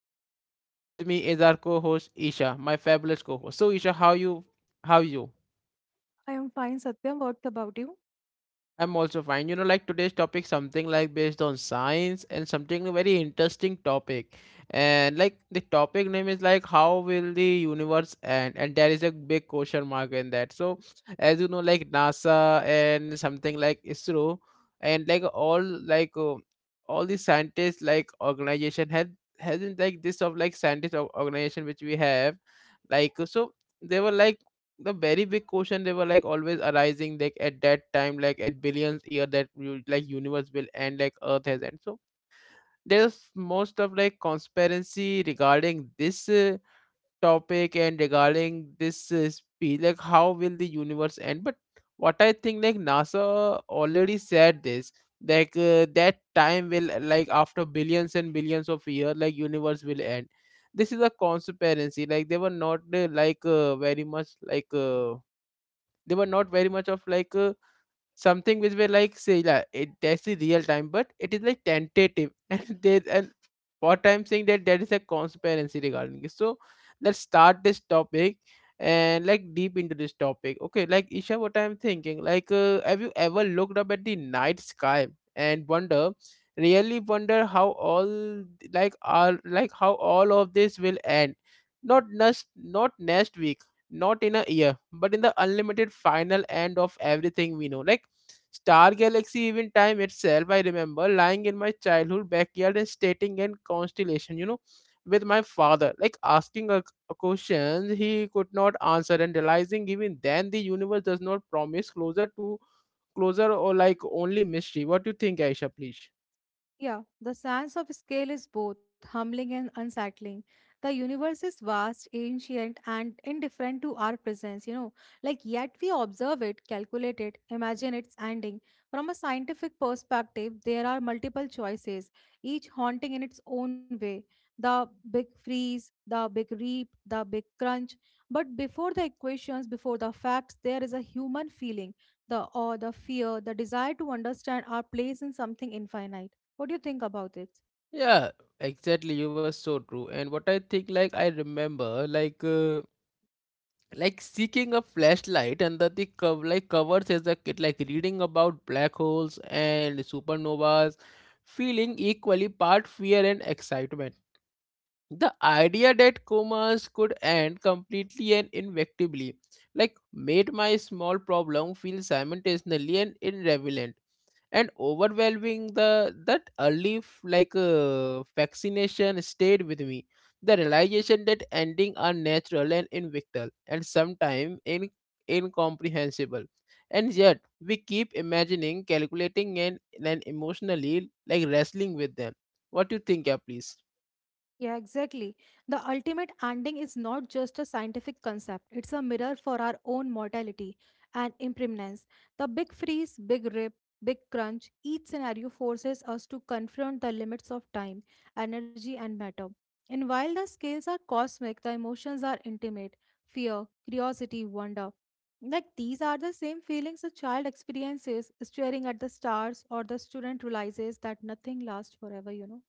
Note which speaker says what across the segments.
Speaker 1: Satyam and with me is our co-host Isha, my fabulous co-host. So Isha, how you how you?
Speaker 2: I am fine, Satya. What about you?
Speaker 1: I'm also fine. You know, like today's topic, something like based on science and something very interesting topic. And like the topic name is like how will the universe end? And there is a big question mark in that. So as you know, like NASA and something like ISRO and like all all the scientists like organization had hasn't like this of like organization which we have like so they were like the very big question they were like always arising like at that time like at billions year that you, like universe will end like earth has end so there's most of like conspiracy regarding this topic and regarding this speech like how will the universe end but what I think like nasa already said this that time will like after billions and billions of years like universe will end. This is a conspiracy like they were not very much, they were not very much of like something which were like say like it that's the real time but it is like tentative and there's and what I'm saying that there is a conspiracy regarding this. So let's start this topic and like deep into this topic. Okay, like Isha, what I'm thinking, have you ever looked up at the night sky and wonder, really wonder how all like are like how all of this will end? Not next week, not in a year, but in the unlimited final end of everything we know, like Star Galaxy, even time itself. I remember lying in my childhood backyard and stating in constellation, you know, with my father, like asking a question he could not answer and realizing even then the universe does not promise closer to closer or like only mystery. What do you think, Aisha, please?
Speaker 2: Yeah, the sense of scale is both humbling and unsettling. The universe is vast, ancient, and indifferent to our presence, you know. Like, yet we observe it, calculate it, imagine its ending. From a scientific perspective, there are multiple choices, each haunting in its own way. The big freeze, the big reap, the big crunch. But before the equations, before the facts, there is a human feeling the awe, the fear, the desire to understand our place in something infinite. What do you think about it?
Speaker 1: Yeah, exactly. You were so true. And what I think, like, I remember, like seeking a flashlight under the like covers as a kid, like reading about black holes and supernovas, feeling equally part fear and excitement. The idea that comas could end completely and inevitably, like, made my small problem feel simultaneously and irrelevant and overwhelming. The that early vaccination stayed with me. The realization that ending are natural and inevitable, and sometimes incomprehensible, and yet we keep imagining, calculating, and emotionally like wrestling with them. What do you think, yeah, please?
Speaker 2: Yeah, exactly. The ultimate ending is not just a scientific concept, it's a mirror for our own mortality and impermanence. The big freeze, big rip, big crunch, each scenario forces us to confront the limits of time, energy, and matter. And while the scales are cosmic, the emotions are intimate fear, curiosity, wonder. Like these are the same feelings a child experiences staring at the stars, or the student realizes that nothing lasts forever, you know.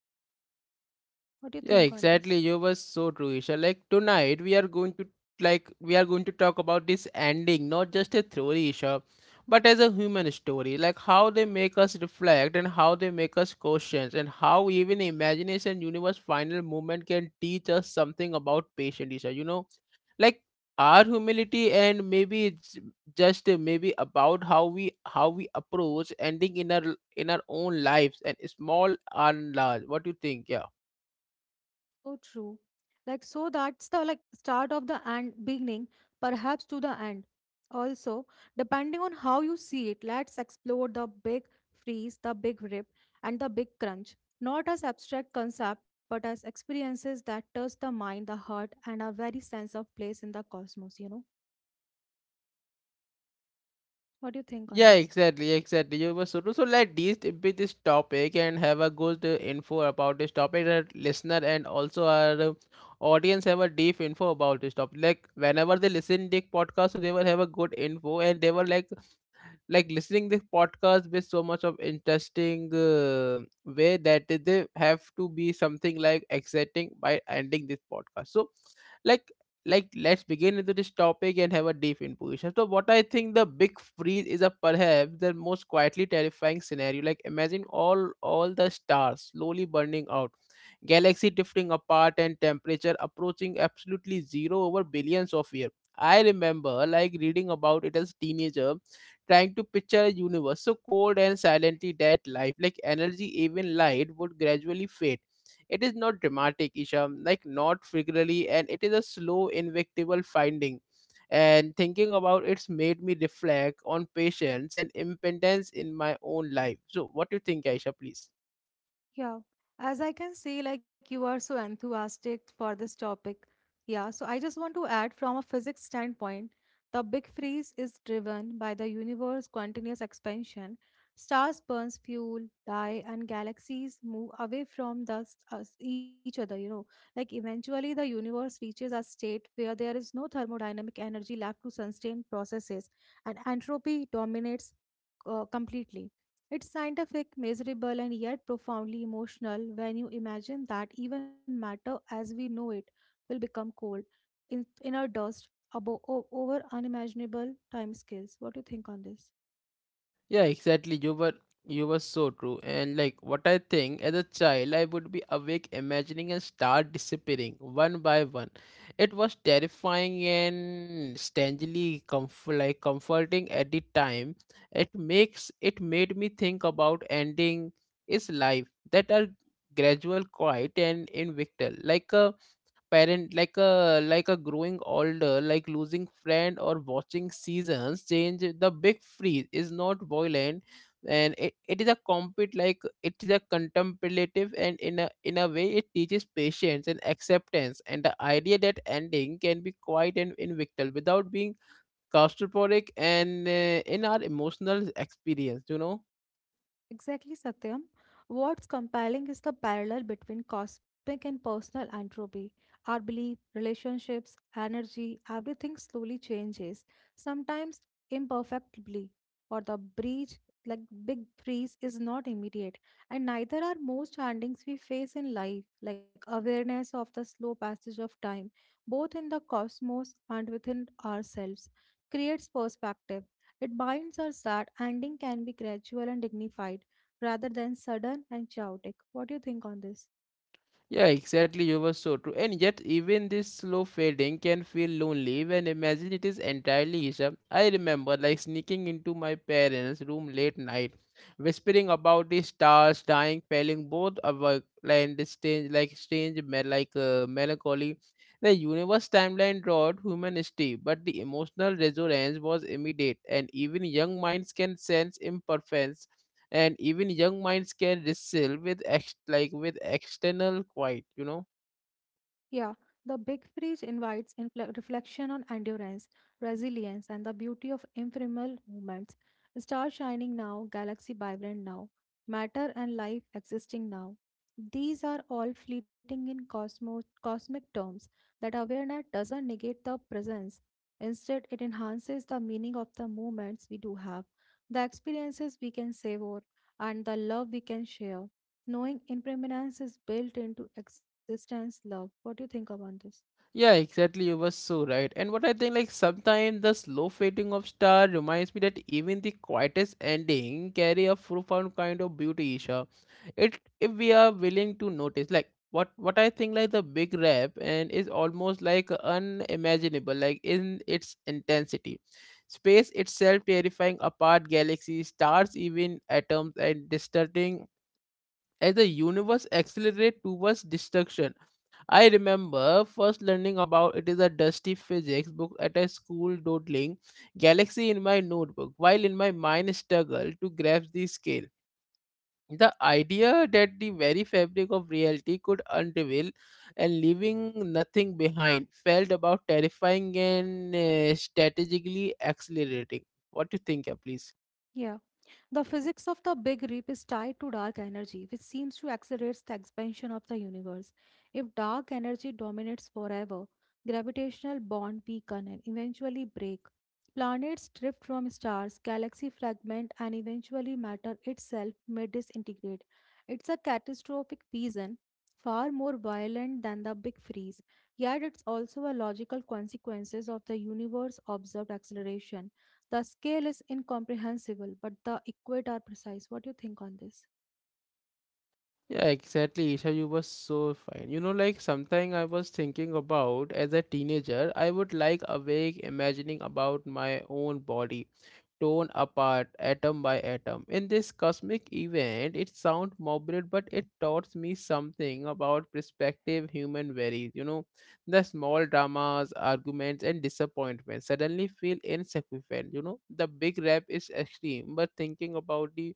Speaker 2: What do you think
Speaker 1: Yeah,
Speaker 2: on this?
Speaker 1: exactly. You were so true, Isha. Like tonight, we are going to like we are going to talk about this ending, not just a theory, Isha, but as a human story. Like how they make us reflect and how they make us questions and how even imagination universe final movement can teach us something about patience, Isha. You know, like our humility, and maybe it's just maybe about how we approach ending in our own lives and small and large. What do you think? Yeah.
Speaker 2: So true. Like so that's the like start of the and beginning, perhaps to the end. Also, depending on how you see it, let's explore the big freeze, the big rip, and the big crunch. Not as abstract concept, but as experiences that touch the mind, the heart, and our very sense of place in the cosmos, you know? What do you think on
Speaker 1: Yeah,
Speaker 2: this?
Speaker 1: exactly. You were so true. So let these be this topic and have a good info about this topic that listener and also our audience have a deep info about this topic. Like whenever they listen the podcast, so they will have a good info and they were like listening this podcast with so much of interesting way that they have to be something like exciting by ending this podcast. So like like let's begin into this topic and have a deep intuition. So so what I think the big freeze is a perhaps the most quietly terrifying scenario. Like imagine all the stars slowly burning out, galaxy drifting apart, and temperature approaching absolutely zero over billions of years. I remember like reading about it as teenager, trying to picture a universe so cold and silently that life, like energy, even light, would gradually fade. It is not dramatic, Isha, like not figurally, and it is a slow, invictable finding. And thinking about it's made me reflect on patience and impotence in my own life. So, what do you think, Aisha, please?
Speaker 2: Yeah, as I can see, like you are so enthusiastic for this topic. Yeah, so I just want to add from a physics standpoint, the big freeze is driven by the universe's continuous expansion. Stars burns fuel, die, and galaxies move away from the, s- us, each other, you know. Like eventually the universe reaches a state where there is no thermodynamic energy left to sustain processes and entropy dominates completely. It's scientific, measurable, and yet profoundly emotional when you imagine that even matter as we know it will become cold, in, inert dust, abo- o- over unimaginable timescales. What do you think on this?
Speaker 1: Yeah, exactly. You were so true. And like what I think, as a child I would be awake imagining and start disappearing one by one. It was terrifying and strangely comforting at the time. It made me think about ending its life that are gradual quiet and in like a parent like a growing older, like losing friend or watching seasons change. The big freeze is not violent, and it is a compete like it is a contemplative, and in a way it teaches patience and acceptance and the idea that ending can be quiet and invictal without being claustrophobic, and in our emotional experience, you know.
Speaker 2: Exactly, Satyam. What's compelling is the parallel between cosmic and personal entropy. Our belief, relationships, energy, everything slowly changes, sometimes imperfectly, or the breach, like big freeze, is not immediate. And neither are most endings we face in life, like awareness of the slow passage of time, both in the cosmos and within ourselves, creates perspective. It binds us that ending can be gradual and dignified rather than sudden and chaotic. What do you think on this?
Speaker 1: Yeah, exactly. You were so true. And yet, even this slow fading can feel lonely when imagine it is entirely Isha. I remember like sneaking into my parents' room late night, whispering about the stars dying, feeling both awake and strange, like melancholy. The universe timeline drawed human history, but the emotional resonance was immediate, and even young minds can sense imperfections, and even young minds can wrestle with like with external quiet, you know.
Speaker 2: Yeah, the big freeze invites infle- reflection on endurance, resilience, and the beauty of ephemeral moments. Star shining now, galaxy vibrant now, matter and life existing now. These are all fleeting in cosmo- cosmic terms that awareness doesn't negate the presence. Instead, it enhances the meaning of the moments we do have, the experiences we can savor, and the love we can share. Knowing impermanence is built into existence, love. What do you think about this?
Speaker 1: Yeah, exactly. You were so right. And what I think, like sometimes the slow fading of star reminds me that even the quietest ending carry a profound kind of beauty, Isha, it if we are willing to notice. Like what I think like the big rap and is almost like unimaginable like in its intensity, space itself terrifying apart galaxies stars even atoms and distorting as the universe accelerates towards destruction. I remember first learning about it is a dusty physics book at a school, doodling galaxy in my notebook while in my mind struggled to grasp the scale. The idea that the very fabric of reality could unravel and leaving nothing behind felt about terrifying and strategically accelerating. What do you think, yeah, please?
Speaker 2: Yeah. The physics of the Big Rip is tied to dark energy, which seems to accelerate the expansion of the universe. If dark energy dominates forever, gravitational bond weaken and eventually break. Planets drift from stars, galaxy fragment, and eventually matter itself may disintegrate. It's a catastrophic vision, far more violent than the Big Freeze, yet it's also a logical consequences of the universe observed acceleration. The scale is incomprehensible, but the equate are precise. What do you think on this?
Speaker 1: Yeah, exactly, Isha. You were so fine. You know, like something I was thinking about as a teenager, I would like awake imagining about my own body, torn apart atom by atom. In this cosmic event, it sounds morbid, but it taught me something about perspective human varies. You know, the small dramas, arguments, and disappointments suddenly feel insignificant. You know, the big rap is extreme, but thinking about the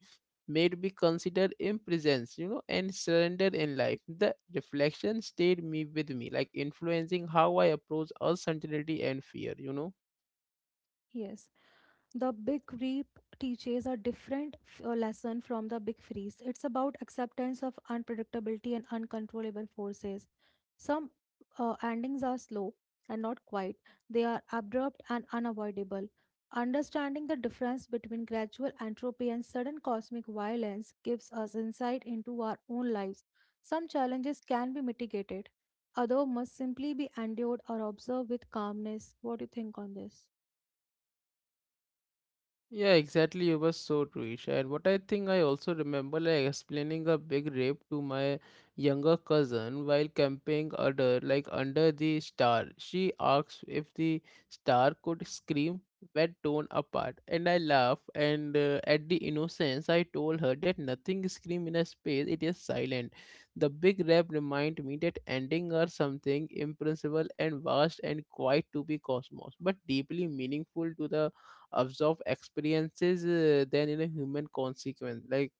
Speaker 1: made me consider imprisons, you know, and surrender in life. The reflection stayed me with me, like influencing how I approach uncertainty and fear, you know.
Speaker 2: Yes. The Big Reap teaches a different lesson from the Big Freeze. It's about acceptance of unpredictability and uncontrollable forces. Some endings are slow and not quite, they are abrupt and unavoidable. Understanding the difference between gradual entropy and sudden cosmic violence gives us insight into our own lives. Some challenges can be mitigated, others must simply be endured or observed with calmness. What do you think on this?
Speaker 1: Yeah, exactly. You were so true, Isha. And what I think, I also remember, like explaining a big rape to my younger cousin while camping under, like under the star. She asked if the star could scream when torn apart, and I laughed. And At the innocence, I told her that nothing scream in a space; it is silent. The big rape reminded me that ending are something impossible and vast and quiet to be cosmos, but deeply meaningful to the observe experiences than in a human consequence, like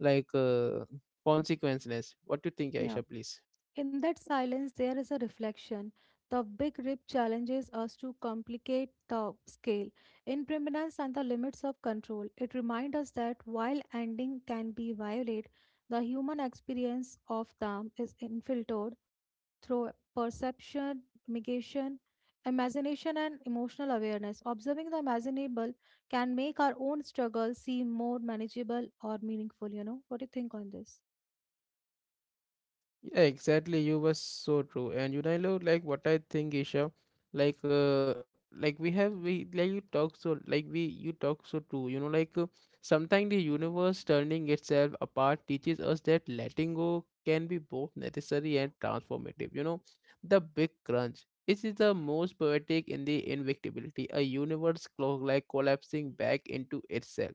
Speaker 1: like uh, consequences. What do you think, Aisha,
Speaker 2: Yeah,
Speaker 1: please?
Speaker 2: in that silence, there is a reflection. The big rip challenges us to complicate the scale, impermanence, and the limits of control. It reminds us that while ending can be violate, the human experience of them is infiltrated through perception, mitigation, imagination, and emotional awareness. Observing the imaginable can make our own struggles seem more manageable or meaningful. You know, what do you think on this?
Speaker 1: Yeah, exactly. You were so true. And you know, like what I think, Isha, like we have we like you talk so like we you talk so true. You know, sometimes the universe turning itself apart teaches us that letting go can be both necessary and transformative. You know, the big crunch. It is the most poetic in the invictibility, a universe like collapsing back into itself,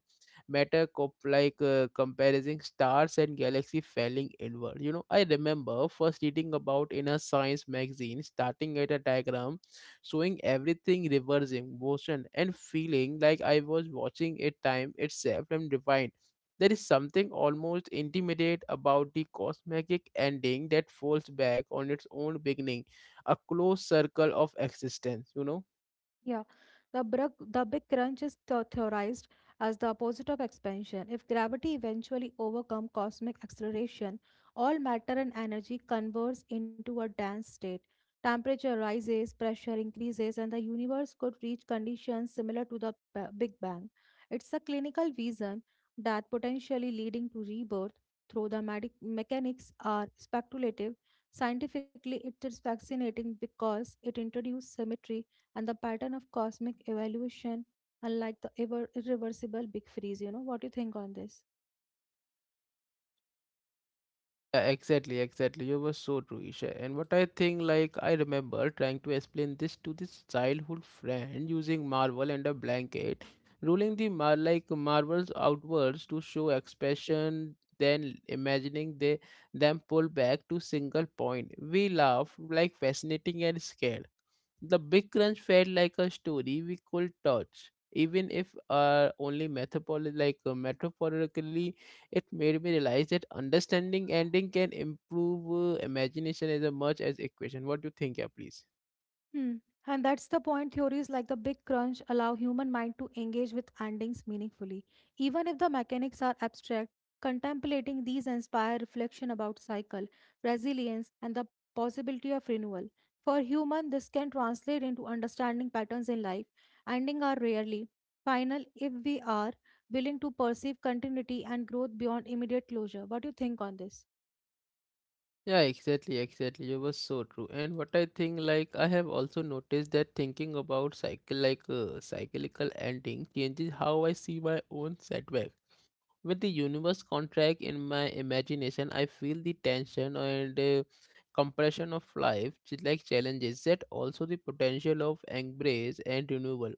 Speaker 1: matter cop like comparing stars and galaxy falling inward, you know. I remember first reading about in a science magazine, starting at a diagram showing everything reversing motion and feeling like I was watching it time itself and rewind. There is something almost intimate about the cosmic ending that falls back on its own beginning, a closed circle of existence, you know.
Speaker 2: Yeah, the big crunch is the- theorized as the opposite of expansion. If gravity eventually overcomes cosmic acceleration, all matter and energy converge into a dense state. Temperature rises, pressure increases, and the universe could reach conditions similar to the ba- Big Bang. It's a clinical vision that potentially leading to rebirth through the medic mechanics are speculative. Scientifically, it is fascinating because it introduces symmetry and the pattern of cosmic evolution unlike the ever irreversible big freeze, you know. What do you think on this?
Speaker 1: Yeah, exactly. You were so true, Isha. And what I think, like, I remember trying to explain this to this childhood friend using marble and a blanket, rolling the marbles outwards to show expression, then imagining they them pull back to single point. We laughed like fascinating and scared. The Big Crunch felt like a story we could touch, even if only metaphorically. It made me realize that understanding ending can improve imagination as much as equation. What do you think, yeah, please?
Speaker 2: Hmm. And that's the point. Theories like the Big Crunch allow human mind to engage with endings meaningfully. Even if the mechanics are abstract, contemplating these inspire reflection about cycle, resilience, and the possibility of renewal. For human, this can translate into understanding patterns in life. Ending are rarely final if we are willing to perceive continuity and growth beyond immediate closure. What do you think on this?
Speaker 1: Yeah, exactly. You were so true. And what I think, like, I have also noticed that thinking about cycle, like, cyclical ending changes how I see my own setback. With the universe contract in my imagination, I feel the tension and compression of life like challenges. Yet, also the potential of embrace and renewal.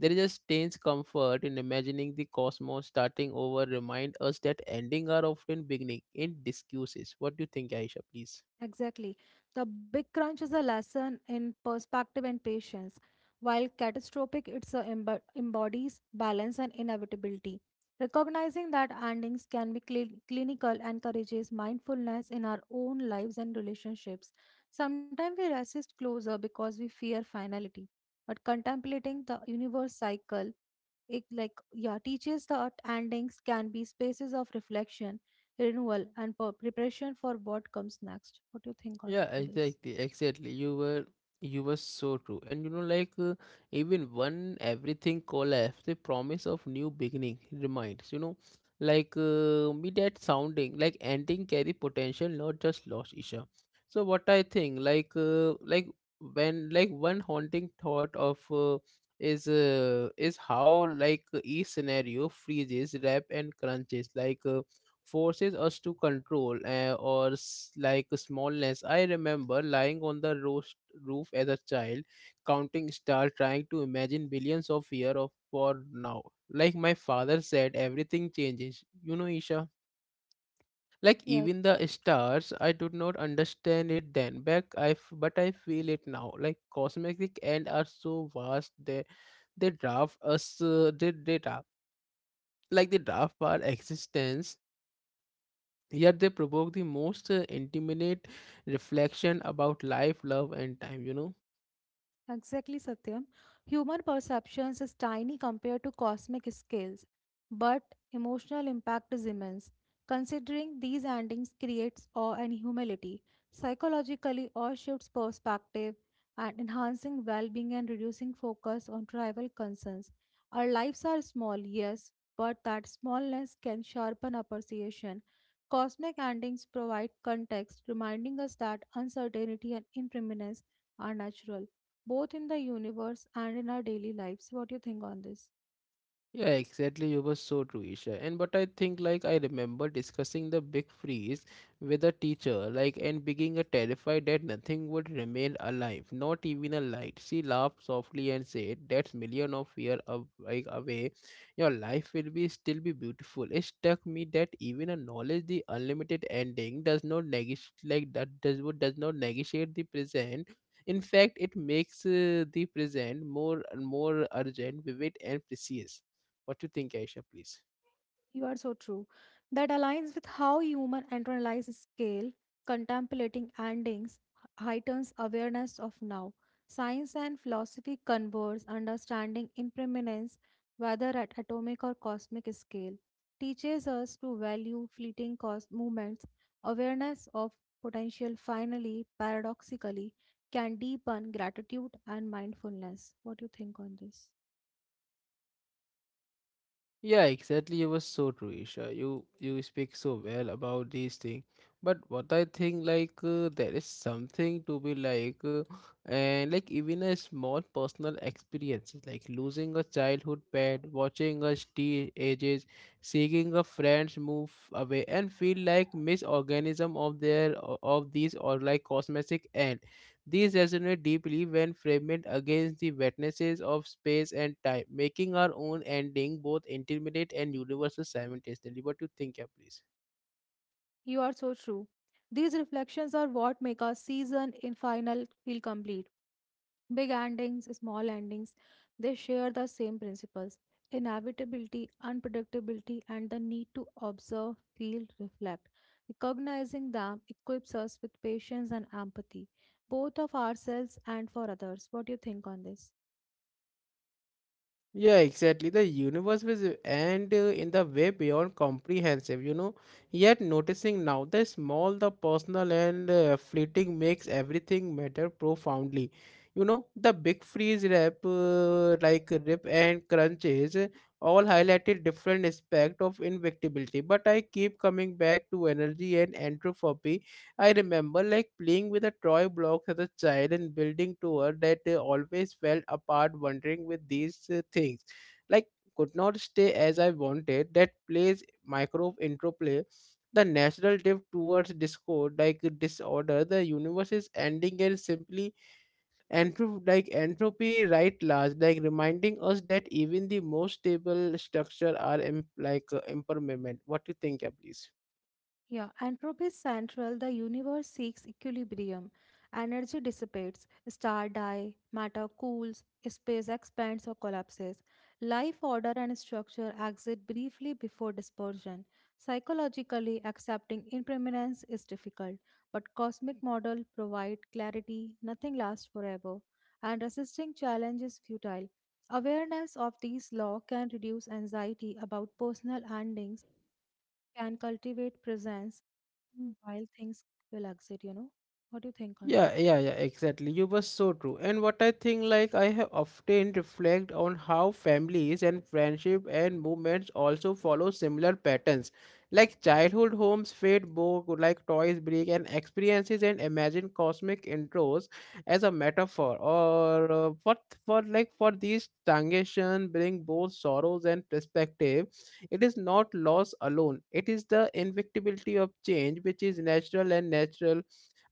Speaker 1: There is a strange comfort in imagining the cosmos starting over, remind us that ending are often beginning in discuses. What do you think, Aisha, please?
Speaker 2: Exactly. The Big Crunch is a lesson in perspective and patience, while Catastrophic it's a embo- embodies balance and inevitability. Recognizing that endings can be cli- clinical encourages mindfulness in our own lives and relationships. Sometimes we resist closer because we fear finality, but contemplating the universe cycle it like yeah teaches that endings can be spaces of reflection, renewal and per- preparation for what comes next. What do you think on
Speaker 1: Yeah,
Speaker 2: this?
Speaker 1: exactly, exactly. You were so true. And you know, like even when everything collapsed, the promise of new beginning reminds, you know, like me that sounding like ending carry potential, not just loss, Isha. So what I think, like when like one haunting thought of is how like each scenario freezes, wrap and crunches, forces us to control or like smallness. I remember lying on the roast roof as a child, counting stars, trying to imagine billions of years of for now. Like my father said, everything changes, you know, Isha, like
Speaker 2: Yeah.
Speaker 1: even the stars. I did not understand it then back. But I feel it now, like cosmic end are so vast they draft us. They draft, like they draft our existence, yet they provoke the most intimate reflection about life, love, and time, you know.
Speaker 2: Exactly, Satyam. Human perceptions is tiny compared to cosmic scales, but emotional impact is immense. Considering these endings creates awe and humility, psychologically awe shifts perspective and enhancing well-being and reducing focus on trivial concerns. Our lives are small, yes, but that smallness can sharpen appreciation. Cosmic endings provide context, reminding us that uncertainty and impermanence are natural both in the universe and in our daily lives. What do you think on this?
Speaker 1: Yeah, exactly. You were so true, Isha. And but I think, like, I remember discussing the big freeze with a teacher, like, and being a terrified that nothing would remain alive, not even a light. She laughed softly and said, "That's million of year of like away. Your life will be still be beautiful." It struck me that even a knowledge the unlimited ending does not negate like that does what does not negotiate the present. In fact, it makes the present more and more urgent, vivid, and precious. What you think, Aisha, please?
Speaker 2: You are so true. That aligns with how human internalize scale, contemplating endings heightens awareness of now. Science and philosophy converge understanding impermanence, whether at atomic or cosmic scale, teaches us to value fleeting cos- movements. Awareness of potential finally, paradoxically, can deepen gratitude and mindfulness. What do you think on this?
Speaker 1: Yeah, exactly. It was so true, Isha. You speak so well about these things. But what I think, like there is something to be like, and like even a small personal experiences, like losing a childhood pet, watching a tea ages, seeing a friends move away, and feel like misorganism of their of these or like cosmetic end. These resonate deeply when framed against the wetnesses of space and time, making our own ending both intimate and universal simultaneously. What do you think, yeah, please?
Speaker 2: You are so true. These reflections are what make a season in final feel complete. Big endings, small endings, they share the same principles inevitability, unpredictability, and the need to observe, feel, reflect. Recognizing them equips us with patience and empathy, both of ourselves and for others. What do you think on this?
Speaker 1: Yeah, exactly. The universe was and in the way beyond comprehensive, you know. Yet noticing now the small, the personal, and fleeting makes everything matter profoundly. You know, the big freeze rap, like rip and crunches, all highlighted different aspect of invictibility. But I keep coming back to energy and entropy. I remember like playing with a toy block as a child and building tower that always fell apart, wondering with these things. Like could not stay as I wanted that plays micro interplay, the natural drift towards discord, like disorder, the universe is ending, and simply like entropy right large, like reminding us that even the most stable structure are like impermanent. What do you think, yeah, please?
Speaker 2: Yeah, entropy is central. The universe seeks equilibrium. Energy dissipates, stars die, matter cools, space expands or collapses. Life order and structure exit briefly before dispersion. Psychologically, accepting impermanence is difficult, but cosmic model provide clarity. Nothing lasts forever, and resisting challenge is futile. Awareness of these law can reduce anxiety about personal endings, can cultivate presence Mm. while things will exit, you know. What do you think on this?
Speaker 1: Yeah, yeah, yeah, exactly. You were so true. And what I think, like, I have often reflect on how families and friendship and movements also follow similar patterns. Like childhood homes fade book, like toys break, and experiences and imagine cosmic intros as a metaphor. Or what for, like, for these transition bring both sorrows and perspective. It is not loss alone. It is the inevitability of change, which is natural and natural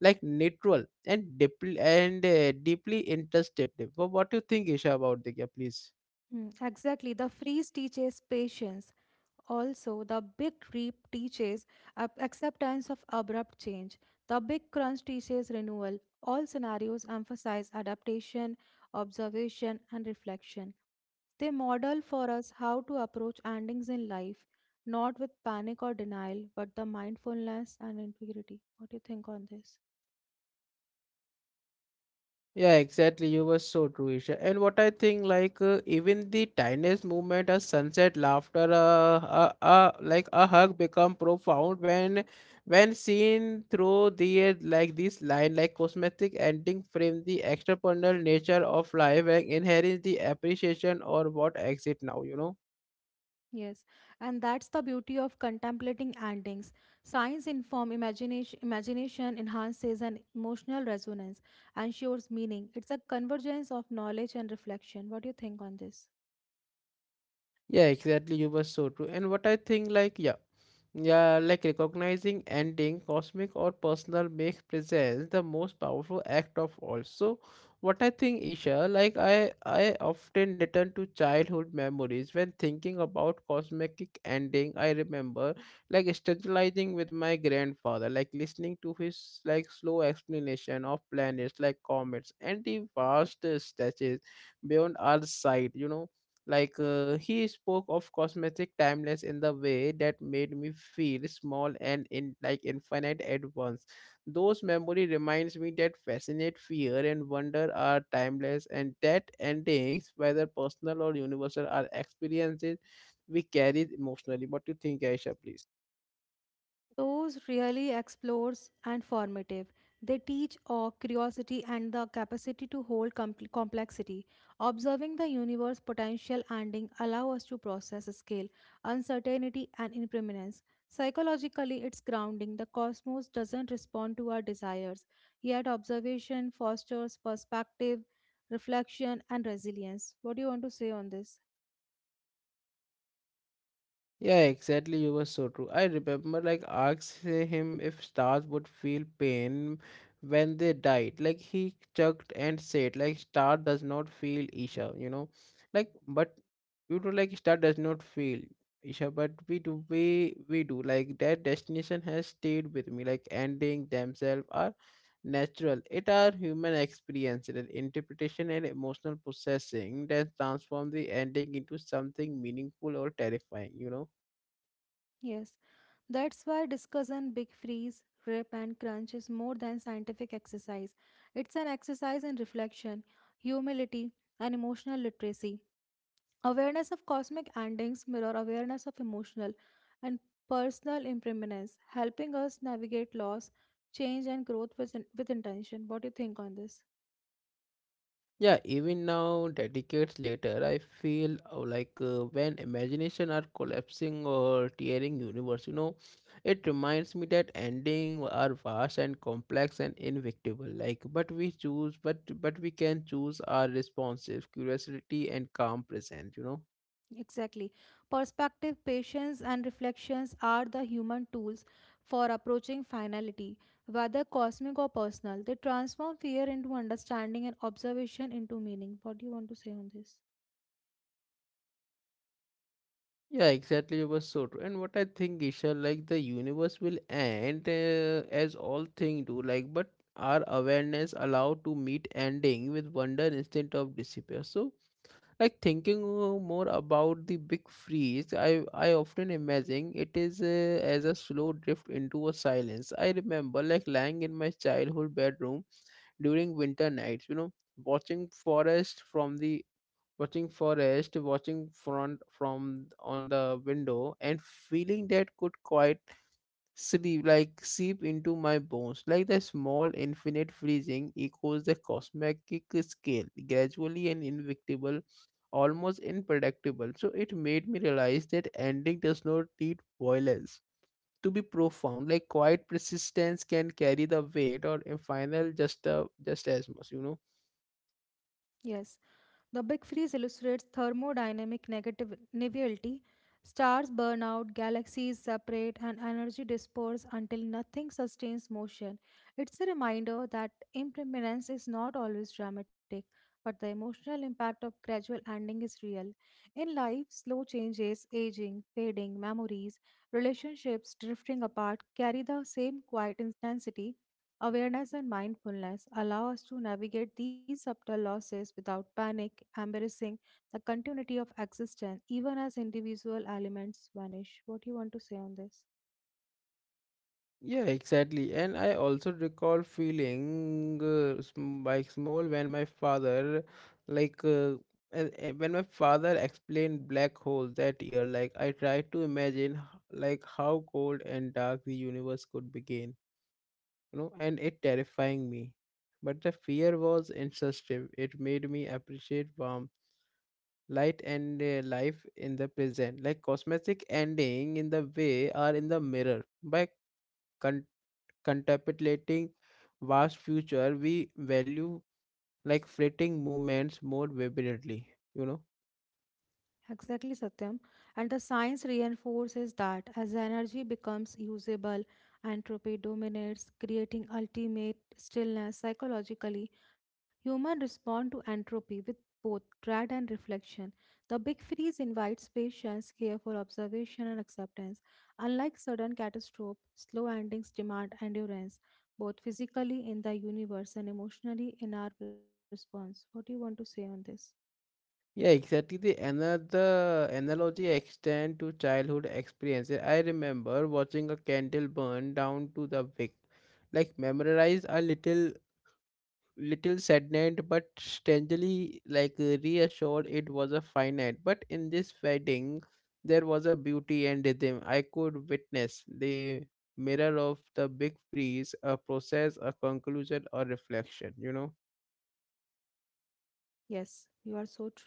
Speaker 1: like neutral and deeply introspective. But what do you think, Isha, about the gap, please?
Speaker 2: Hmm, exactly. The freeze teaches patience. Also, the big reap teaches ab- acceptance of abrupt change. The big crunch teaches renewal. All scenarios emphasize adaptation, observation, and reflection. They model for us how to approach endings in life, not with panic or denial, but the mindfulness and integrity. What do you think on this?
Speaker 1: Yeah, exactly. You were so true, Isha. And what I think, like, even the tiniest movement, a sunset, laughter, like a hug, become profound when seen through the like this line, like cosmetic ending, frame the extraordinary nature of life and inherent the appreciation or what exit now, you know.
Speaker 2: Yes, and that's the beauty of contemplating endings. Science inform imagination, imagination enhances an emotional resonance, ensures meaning. It's a convergence of knowledge and reflection. What do you think on this?
Speaker 1: Yeah, exactly. You were so true. And what I think, like, yeah, yeah, like recognizing ending, cosmic or personal, makes presence the most powerful act of all. So, what I think, Isha, like, I often return to childhood memories when thinking about cosmic ending. I remember, like, strategizing with my grandfather, like, listening to his like slow explanation of planets, like comets, and the vast stretches beyond our sight. You know, like he spoke of cosmetic timeless in the way that made me feel small and in like infinite at once. Those memory reminds me that fascinate fear and wonder are timeless, and that endings, whether personal or universal, are experiences we carry emotionally. What do you think, Aisha, please?
Speaker 2: Those really explores and formative. They teach awe, curiosity, and the capacity to hold com- complexity. Observing the universe potential ending allow us to process scale, uncertainty, and impermanence. Psychologically, it's grounding. The cosmos doesn't respond to our desires, yet observation fosters perspective, reflection, and resilience. What do you want to say on this?
Speaker 1: Yeah, exactly. You were so true. I remember, like, asking him if stars would feel pain when they died. Like, he chuckled and said, like, star does not feel, Isha, you know, like, but you know, like, star does not feel, Isha, but we do, we do. Like, that destination has stayed with me. Like, ending themselves are natural. It are human experience, and interpretation, and emotional processing that transform the ending into something meaningful or terrifying, you know.
Speaker 2: Yes, that's why discussion big freeze, rip, and crunch is more than scientific exercise. It's an exercise in reflection, humility, and emotional literacy. Awareness of cosmic endings mirror awareness of emotional and personal impermanence, helping us navigate loss, change, and growth with intention. What do you think on this?
Speaker 1: Yeah, even now, decades later, I feel like when imagination are collapsing or tearing universe, you know, it reminds me that ending are vast and complex and invictable. Like, but we choose, but we can choose our responses, curiosity, and calm presence, you know.
Speaker 2: Exactly. Perspective, patience, and reflections are the human tools for approaching finality, whether cosmic or personal. They transform fear into understanding and observation into meaning. What do you want to say on this?
Speaker 1: Yeah, exactly. You were so true. And what I think, Isha, like the universe will end as all things do, like, but our awareness allowed to meet ending with wonder instead of despair. So, like thinking more about the big freeze, I often imagine it is as a slow drift into a silence. I remember like lying in my childhood bedroom during winter nights, you know, watching forest from the watching forest, watching front from on the window, and feeling that could quite sleep like seep into my bones, like the small infinite freezing echoes the cosmic scale, gradually and inevitable, almost unpredictable. So it made me realize that ending does not need violence to be profound. Like quiet persistence can carry the weight, or in final, just as much, you know.
Speaker 2: Yes. The Big Freeze illustrates thermodynamic negative nivity. Stars burn out, galaxies separate, and energy disperse until nothing sustains motion. It's a reminder that impermanence is not always dramatic, but the emotional impact of gradual ending is real. In life, slow changes, aging, fading, memories, relationships drifting apart carry the same quiet intensity. Awareness and mindfulness allow us to navigate these subtle losses without panic, embracing the continuity of existence even as individual elements vanish. What do you want to say on this?
Speaker 1: Yeah, exactly. And I also recall feeling like small when my father, like, when my father explained black holes that year, like, I tried to imagine, like, how cold and dark the universe could begin, you know, and it terrifying me. But the fear was insensitive. It made me appreciate warmth, light, and life in the present. Like, cosmetic ending in the way are in the mirror. By contemplating vast future, we value like fleeting moments more vibrantly, you know.
Speaker 2: Exactly, Satyam. And the science reinforces that as energy becomes usable, entropy dominates, creating ultimate stillness. Psychologically, humans respond to entropy with both dread and reflection. The big freeze invites patience, careful observation, and acceptance. Unlike sudden catastrophe, slow endings demand endurance, both physically in the universe and emotionally in our response. What do you want to say on this?
Speaker 1: Yeah, exactly. The another analogy extend to childhood experiences. I remember watching a candle burn down to the wick, like memorize a little saddened but strangely like reassured. It was a finite, but in this wedding there was a beauty and rhythm. I could witness the mirror of the big freeze, a process, a conclusion, a reflection, you know.
Speaker 2: Yes, you are so true.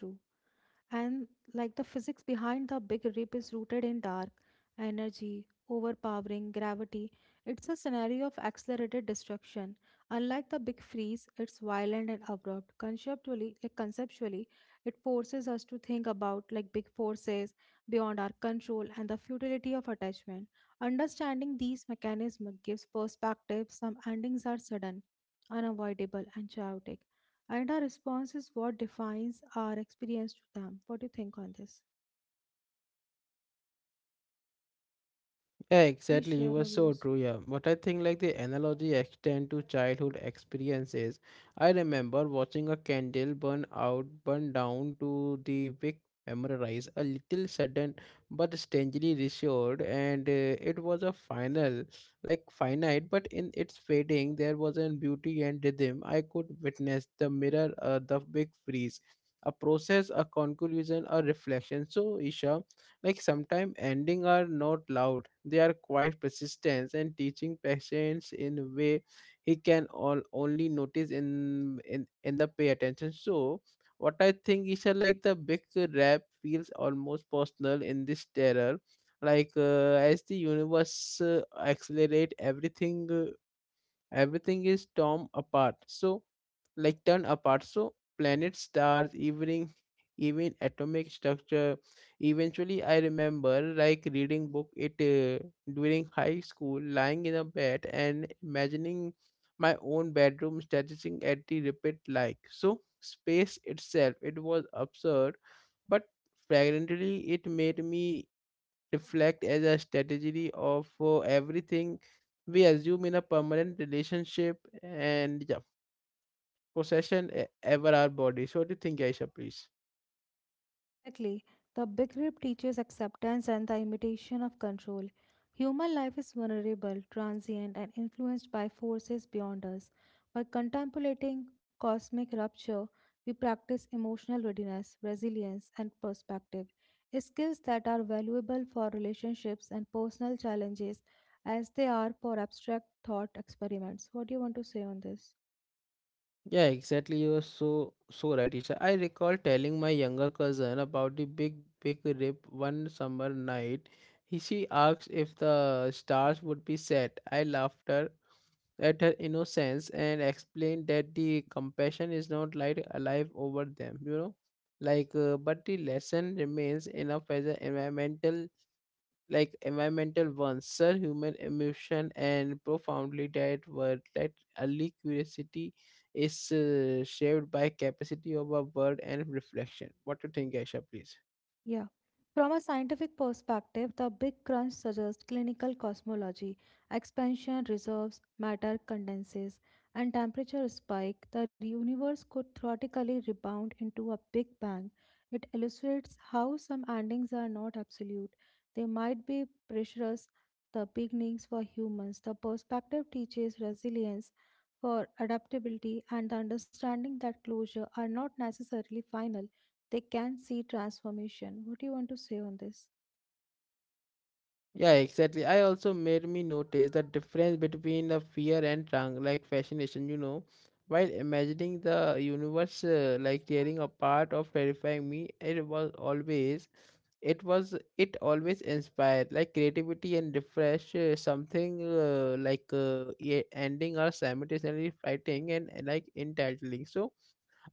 Speaker 2: And like the physics behind the big rip is rooted in dark energy overpowering gravity. It's a scenario of accelerated destruction. Unlike the big freeze, it's violent and abrupt conceptually. It forces us to think about like big forces beyond our control and the futility of attachment. Understanding these mechanisms gives perspective. Some endings are sudden, unavoidable, and chaotic, and our response is what defines our experience to them. What do you think on this?
Speaker 1: Yeah,
Speaker 2: Please
Speaker 1: exactly. You
Speaker 2: share
Speaker 1: were
Speaker 2: your
Speaker 1: so
Speaker 2: views.
Speaker 1: true. Yeah, but I think like the analogy extend to childhood experiences. I remember watching a candle burn out, burn down to the wick, memorize a little sudden but strangely reassured, and it was a final like finite, but in its fading there was a beauty and rhythm. I could witness the mirror the big freeze, a process, a conclusion, a reflection. So, Isha, like sometimes ending are not loud. They are quite persistence and teaching patience in a way he can all only notice in the pay attention. So what I think is like the big rap feels almost personal in this terror. Like as the universe accelerate everything everything is torn apart so like torn apart, so planets, stars evening even atomic structure eventually. I remember like reading book it during high school, lying in a bed and imagining my own bedroom stretching at the repeat like so space itself. It was absurd, but fragrantly it made me reflect as a strategy of everything we assume in a permanent relationship and yeah, possession ever our body. So, what do you think, Aisha, please?
Speaker 2: Exactly. The big Rip teaches acceptance and the imitation of control. Human life is vulnerable, transient, and influenced by forces beyond us. By contemplating cosmic rupture, we practice emotional readiness, resilience, and perspective, skills that are valuable for relationships and personal challenges as they are for abstract thought experiments. What do you want to say on this?
Speaker 1: Yeah, exactly. You are so so right, Isha. I recall telling my younger cousin about the big rip one summer night. He she asked if the stars would be set. I laughed her. At her innocence and explained that the compassion is not like alive over them, but the lesson remains enough as an environmental, environmental one sir human emotion and profoundly that word, that early curiosity is shaped by capacity of a word and reflection. What do you think, Aisha, please?
Speaker 2: Yeah. From a scientific perspective, the Big Crunch suggests clinical cosmology, expansion, reserves, matter condenses, and temperature spike. The universe could theoretically rebound into a Big Bang. It illustrates how some endings are not absolute. They might be precious, the beginnings for humans. The perspective teaches resilience for adaptability and the understanding that closure are not necessarily final. They can see transformation. What do you want to say on this?
Speaker 1: Yeah, exactly. I also made me notice the difference between the fear and trang, like fascination, you know. While imagining the universe like tearing apart of terrifying me, it was always, it always inspired like creativity and refresh something, ending or simultaneously fighting and, like entitling, so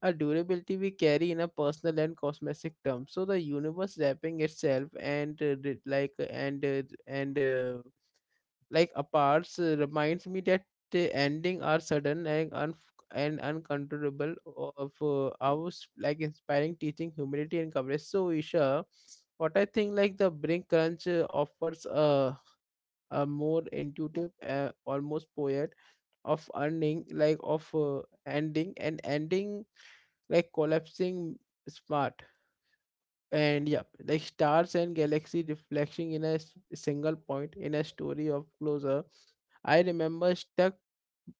Speaker 1: a durability we carry in a personal and cosmetic term. So the universe wrapping itself and, like apart reminds me that the ending are sudden and and uncontrollable of like inspiring teaching humility and courage. So Isha, what I think, like the brink crunch offers a more intuitive, almost poet of earning, like of ending and ending, like collapsing smart, and yeah, like stars and galaxy reflecting in a single point in a story of closure. I remember stuck,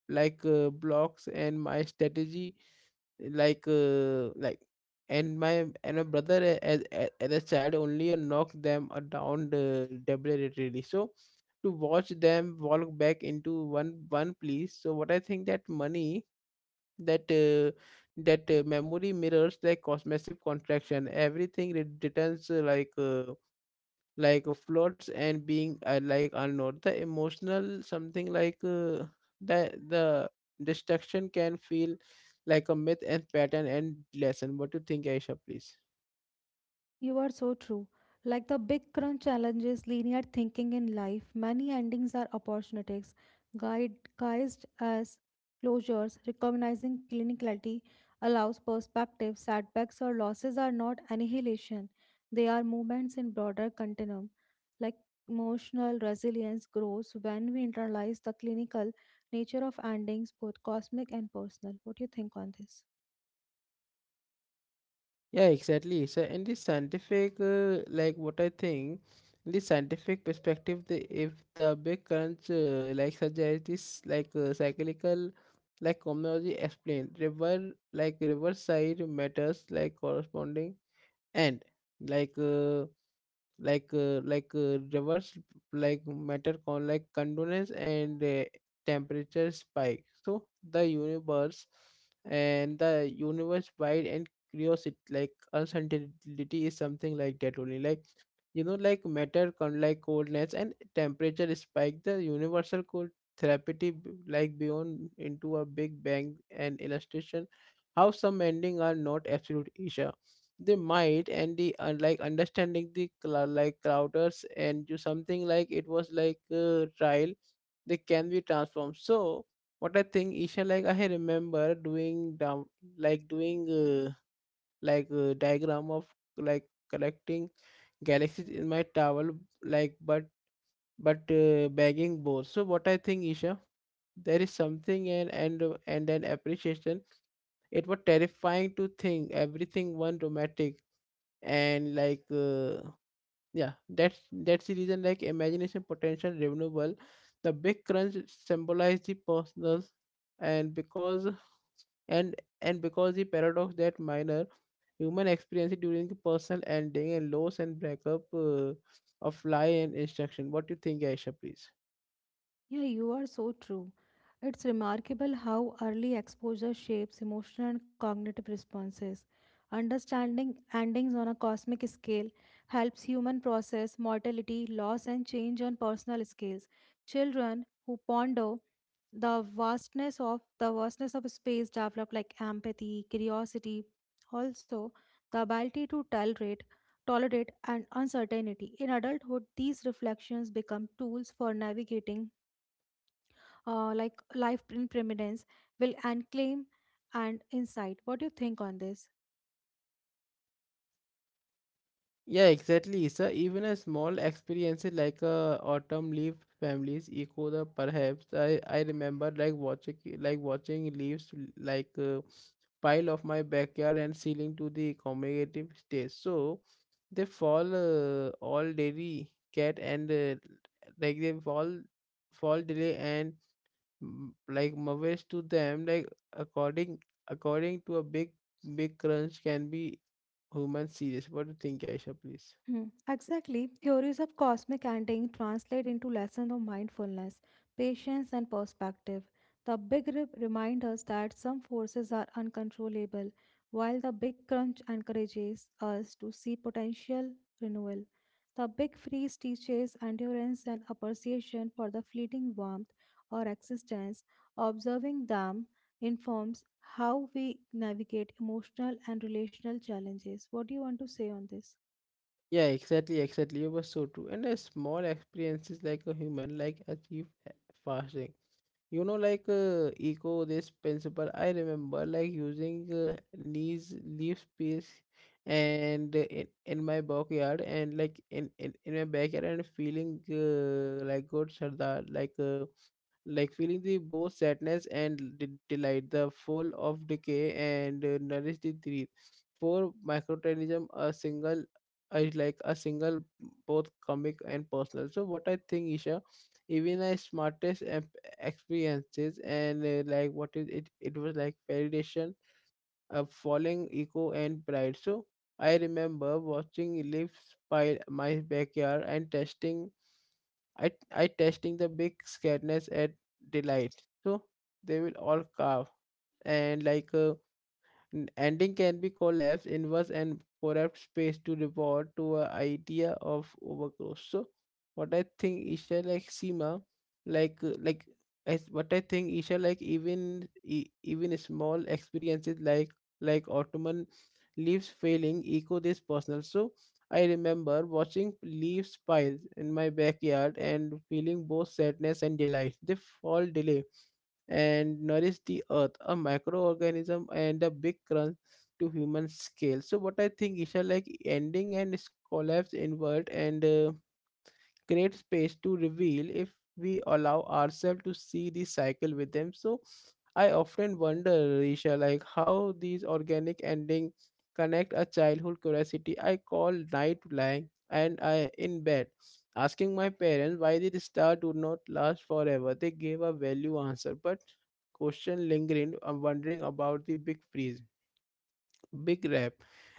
Speaker 1: blocks and my strategy, like uh, like and my brother as a child only knocked them down deliberately, so to watch them walk back into one place. So what I think, that money, that that memory mirrors like cosmic contraction. Everything returns, like floats and being, like unknown the emotional something, like the the destruction can feel like a myth and pattern and lesson. What do you think, Aisha, please?
Speaker 2: You are so true. Like the Big Crunch challenges linear thinking in life, many endings are opportunities, guide, guised as closures. Recognizing clinicality allows perspective. Setbacks or losses are not annihilation; they are movements in broader continuum. Like emotional resilience grows when we internalize the clinical nature of endings, both cosmic and personal. What do you think on this?
Speaker 1: Yeah, exactly. So in the scientific, like what I think, in the scientific perspective, the if the big crunch, like such as this, cyclical, like cosmology explained, river, like riverside matters, like corresponding and like. Reverse, like matter con, like condolence and, temperature spike. So the universe, wide and curiosity, like uncertainty is something like that only, like you know, like matter con, like coldness and temperature spike, the universal cold therapy like beyond into a big bang, and illustration how some ending are not absolute, Isha. They might, and the like understanding the like crowders and do something, like it was like a trial, they can be transformed. So what I think, Isha, like I remember doing down, like doing like a diagram of, like collecting galaxies in my towel, like but, bagging both. So what I think, Isha, there is something, and an appreciation. It was terrifying to think everything one dramatic and yeah, that's the reason, like imagination potential renewable. The big crunch symbolize the personal, and because and and because the paradox that minor human experience during the personal ending and loss and breakup of lie and instruction. What do you think, Aisha, please?
Speaker 2: Yeah, you are so true. It's remarkable how early exposure shapes emotional and cognitive responses. Understanding endings on a cosmic scale helps human process mortality, loss, and change on personal scales. Children who ponder the vastness of space develop like empathy, curiosity, also the ability to tolerate and uncertainty. In adulthood, these reflections become tools for navigating like life in prominence will and claim and insight. What do you think on this?
Speaker 1: Yeah, exactly. So even a small experience like a autumn leaf families echo the perhaps. I remember like watching, leaves, pile of my backyard and ceiling to the commemorative stage. So they fall all daily. Cat and, they fall, delay and, mm, like mothers to them, like according, according to a big, big crunch can be human serious. What do you think, Aisha, please?
Speaker 2: Hmm. Exactly. Theories of cosmic ending translate into lessons of mindfulness, patience, and perspective. The reminds us that some forces are uncontrollable, while the big crunch encourages us to see potential renewal. The big freeze teaches endurance and appreciation for the fleeting warmth or existence. Observing them informs how we navigate emotional and relational challenges. What do you want to say on this?
Speaker 1: Yeah, exactly, exactly. You were so true. And a small experiences like a human, like achieve fasting. You know, echo this principle. I remember like using leaves, leaf space, and in my backyard, and like in my backyard, and feeling like good, Sardar, like. Feeling the both sadness and delight, the full of decay and nourish the dream. For microorganism, a single is like a single, both comic and personal. So what I think, Isha, even my smartest experiences and, like what is it? It was like validation, a falling ego and pride. So I remember watching leaves by my backyard and testing. I testing the big scaredness at delight. So they will all carve and, ending can be collapsed, inverse, and corrupt space to report to a idea of overgrowth. So what I think, Isha, like Seema, like uh, like as what I think, Isha, like even even small experiences like, Ottoman leaves failing echo this personal. So I remember watching leaves pile in my backyard and feeling both sadness and delight. They fall delay and nourish the earth, a microorganism and a big crunch to human scale. So what I think is like ending and collapse invert and, create space to reveal if we allow ourselves to see the cycle with them. So I often wonder, Risha, like how these organic ending connect a childhood curiosity. I call night lying and I in bed, asking my parents why did the star do not last forever. They gave a value answer, but question lingering. I'm wondering about the big freeze, big rap,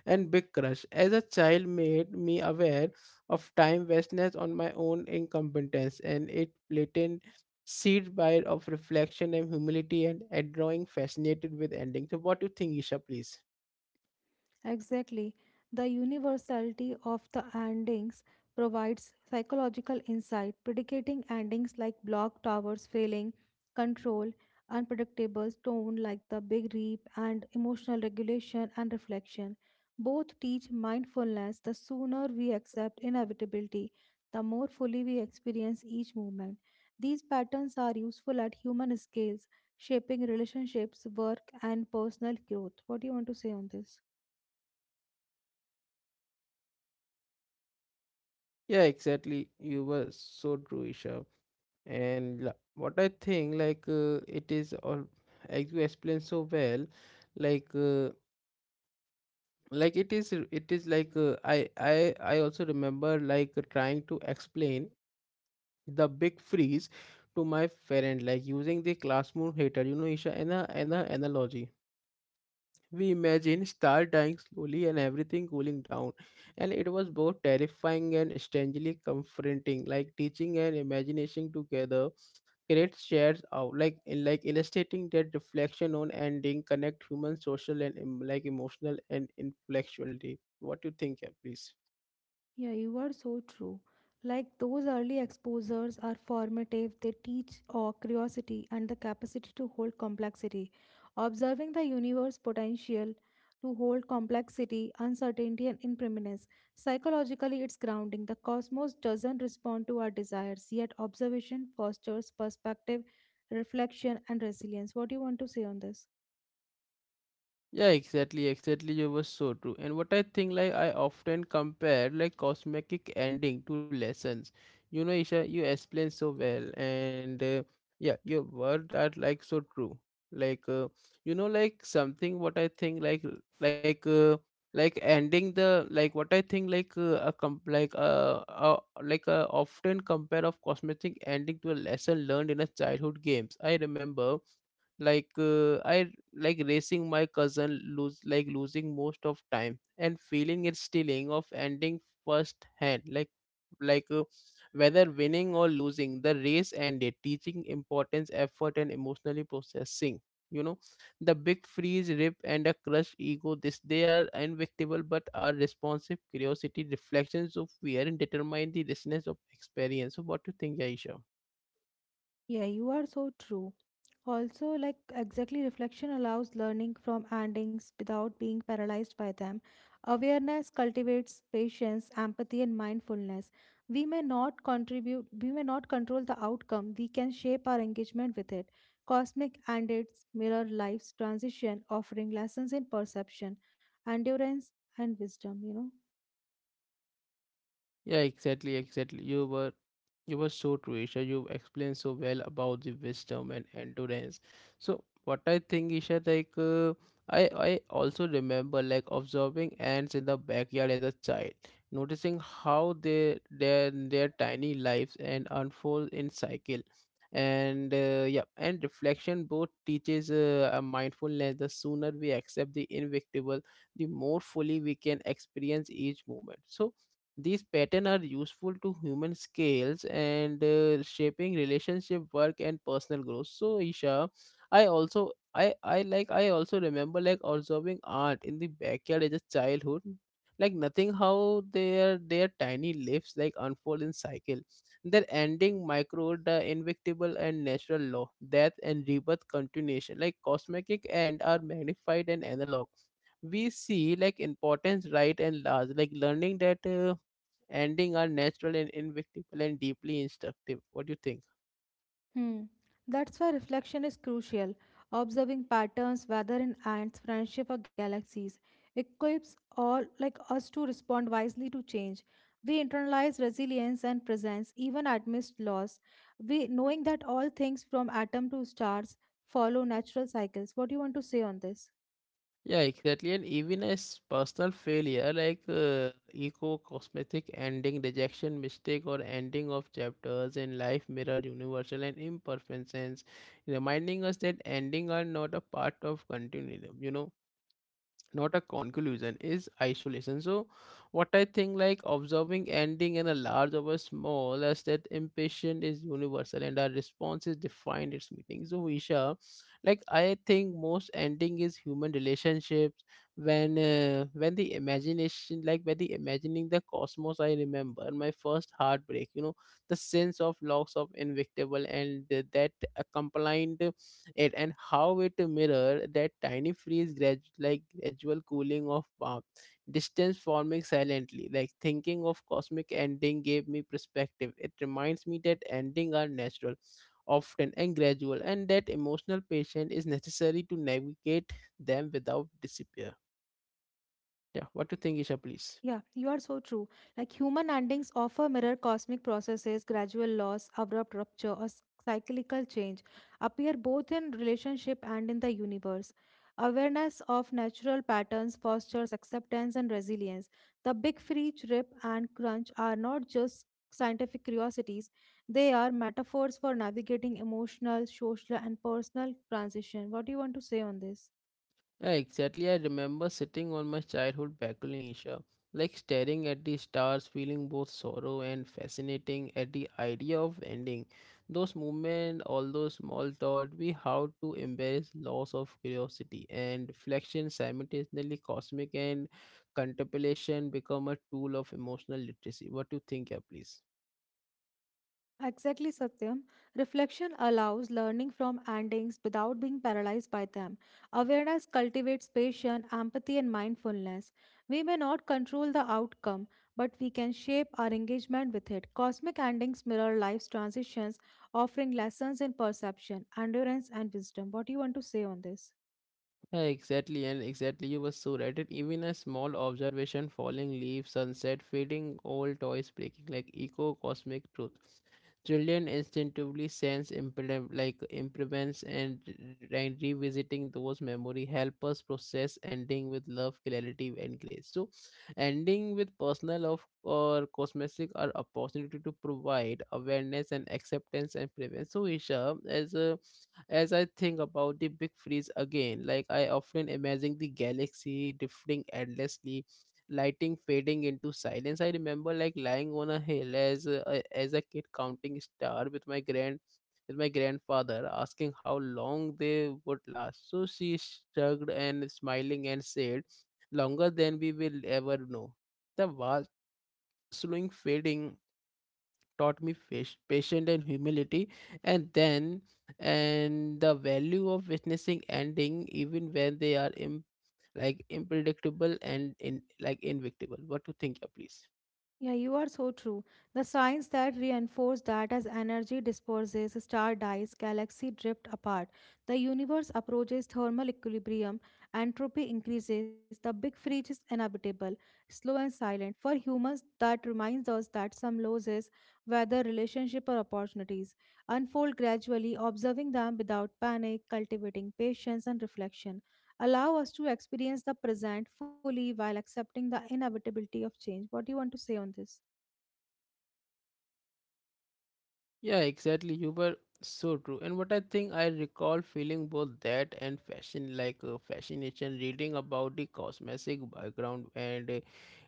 Speaker 1: and big crush. As a child, made me aware of time wastness on my own incompetence, and it blatant seed bite of reflection and humility, and at drawing fascinated with ending. So what do you think, Isha, please?
Speaker 2: Exactly. The universality of the endings provides psychological insight, predicating endings like block towers failing, control, unpredictable tone like the big reap, and emotional regulation and reflection. Both teach mindfulness. The sooner we accept inevitability, the more fully we experience each moment. These patterns are useful at human scales, shaping relationships, work, and personal growth. What do you want to say on this?
Speaker 1: Yeah, exactly. You were so true, Isha. And what I think, like, it is all, as you explained so well, like, uh, like it is like I also remember like trying to explain the big freeze to my parent, like using the classroom heater, you know, Isha, an analogy. We imagine star dying slowly and everything cooling down, and it was both terrifying and strangely comforting. Like teaching and imagination together create shares out, like in like illustrating that reflection on ending connect human social and like emotional and intellectuality. What do you think, yeah, please?
Speaker 2: Yeah, you are so true. Like those early exposures are formative, they teach our curiosity and the capacity to hold complexity. Observing the universe potential to hold complexity, uncertainty, and impermanence. Psychologically, it's grounding. The cosmos doesn't respond to our desires, yet observation fosters perspective, reflection, and resilience. What do you want to say on this?
Speaker 1: Yeah, exactly, exactly. You were so true. And what I think, like I often compare like cosmetic ending to lessons. You know, Isha, you explain so well, and, yeah, your words are like so true. Like, you know, like something what I think, like, uh, like ending the, like what I think, like a com like often compare of cosmetic ending to a lesson learned in a childhood games. I remember like uh, i like racing my cousin, lose like losing most of time and feeling it stealing of ending first hand, like, like uh, whether winning or losing, the race ended teaching importance effort and emotionally processing, you know, the big freeze rip and a crushed ego. This, they are invictable but are responsive curiosity reflections of fear and determine the richness of experience. So what do you think, Aisha?
Speaker 2: Yeah, you are so true. Also, like exactly reflection allows learning from endings without being paralyzed by them. Awareness cultivates patience, empathy, and mindfulness. We may not control the outcome, we can shape our engagement with it. Cosmic endings mirror life's transition, offering lessons in perception, endurance, and wisdom.
Speaker 1: Yeah, exactly, exactly. You were so true, Isha. You explained so well about the wisdom and endurance. So what I think, Isha, like I also remember like observing ants in the backyard as a child, noticing how they, their tiny lives and unfold in cycle. And, yeah, and reflection both teaches a mindfulness. The sooner we accept the inevitable, the more fully we can experience each moment. So these patterns are useful to human scales and, shaping relationship work and personal growth. So Isha, I also remember like observing art in the backyard as a childhood, like nothing how their tiny leaves like unfold in cycle, their ending micro, the invictable and natural law death and rebirth continuation, like cosmetic, and are magnified and analog. We see like importance right and large, like learning that ending are natural and inevitable and deeply instructive. What do you think?
Speaker 2: Hmm. That's why reflection is crucial. Observing patterns, whether in ants, friendship, or galaxies, equips all like us to respond wisely to change. We internalize resilience and presence, even amidst loss. We knowing that all things from atom to stars follow natural cycles. What do you want to say on this?
Speaker 1: Yeah, exactly. And even as personal failure, like eco cosmetic ending, rejection, mistake, or ending of chapters in life, mirror universal and imperfections, reminding us that ending are not a part of continuum. You know, not a conclusion is isolation. So what I think, like observing ending in a large over small as that impatient is universal and our responses define its meaning. So Isha, like I think most ending is human relationships. When the imagination, like when the imagining the cosmos, I remember my first heartbreak, you know, the sense of loss of invictable and, that accompanied it and how it mirror that tiny freeze, like gradual cooling of, distance forming silently. Like thinking of cosmic ending gave me perspective, it reminds me that ending are natural, often and gradual, and that emotional patience is necessary to navigate them without disappear, yeah. What do you think, Isha, please?
Speaker 2: Yeah, you are so true. Like human endings often mirror cosmic processes, gradual loss, abrupt rupture, or cyclical change, appear both in relationship and in the universe. Awareness of natural patterns fosters acceptance and resilience. The big free trip and crunch are not just scientific curiosities, they are metaphors for navigating emotional, social, and personal transition. What do you want to say on this?
Speaker 1: Yeah, exactly. I remember sitting on my childhood balcony in Asia, like staring at the stars, feeling both sorrow and fascinating at the idea of ending. Those movements, all those small thought, we how to embrace loss of curiosity and reflection simultaneously cosmic and contemplation become a tool of emotional literacy. What do you think, yeah, please?
Speaker 2: Exactly, Satyam. Reflection allows learning from endings without being paralyzed by them. Awareness cultivates patience, empathy, and mindfulness. We may not control the outcome, but we can shape our engagement with it. Cosmic endings mirror life's transitions, offering lessons in perception, endurance, and wisdom. What do you want to say on this?
Speaker 1: Yeah, exactly, and exactly, you were so right. And even a small observation, falling leaves, sunset, fading old toys breaking, like eco cosmic truth. Children instinctively sense implement, like improvements and, and revisiting those memory help us process ending with love, clarity, and grace. So, ending with personal of or cosmetic are opportunity to provide awareness and acceptance and prevent. So, Isha, as I think about the big freeze again, like I often imagine the galaxy drifting endlessly, lighting fading into silence. I remember like lying on a hill as a kid counting star with my grandfather, asking how long they would last. So she shrugged and smiling and said, "Longer than we will ever know." The vast slowing fading taught me fish, patience and humility, and then and the value of witnessing ending even when they are like unpredictable and in like invictable. What to think, please?
Speaker 2: Yeah, you are so true. The signs that reinforce that as energy disperses, star dies, galaxy drift apart, the universe approaches thermal equilibrium, entropy increases, the big freeze is inevitable, slow and silent. For humans, that reminds us that some losses, whether relationship or opportunities, unfold gradually, observing them without panic, cultivating patience and reflection allow us to experience the present fully while accepting the inevitability of change. What do you want to say on this?
Speaker 1: Yeah, exactly. You were so true. And what I think I recall feeling both that and fashion, like fascination, reading about the cosmetic background and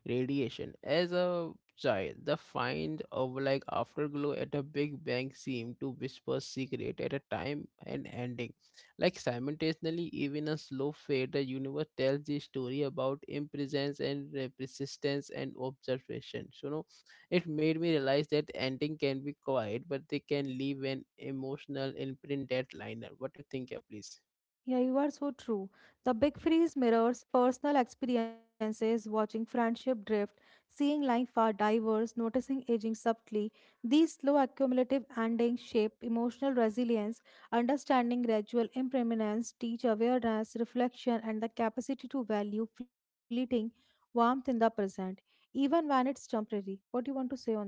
Speaker 1: radiation. As a child, the find of like afterglow at a Big Bang seemed to whisper secret at a time and ending. Like simultaneously, even a slow fade, the universe tells the story about impresence and persistence and observation. So, you know. It made me realize that ending can be quiet, but they can leave an emotional imprint that liner. What do you think, yeah, please?
Speaker 2: Yeah, you are so true. The big freeze mirrors personal experiences, watching friendship drift, seeing life far diverse, noticing aging subtly. These slow accumulative endings shape emotional resilience, understanding gradual impermanence, teach awareness, reflection, and the capacity to value fleeting warmth in the present, even when it's temporary. What do you want to say on this?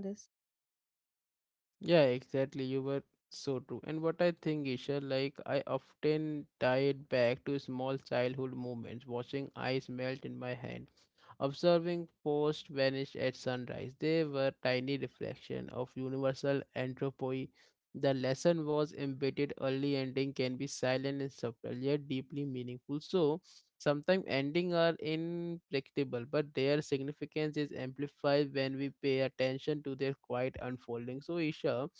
Speaker 1: Yeah, exactly. You were so true. And what I think, Isha, like I often tie it back to small childhood moments, watching ice melt in my hand, observing posts vanish at sunrise. They were tiny reflection of universal entropy. The lesson was embedded early ending can be silent and subtle yet deeply meaningful. So sometimes endings are unpredictable, but their significance is amplified when we pay attention to their quiet unfolding. So, Isha,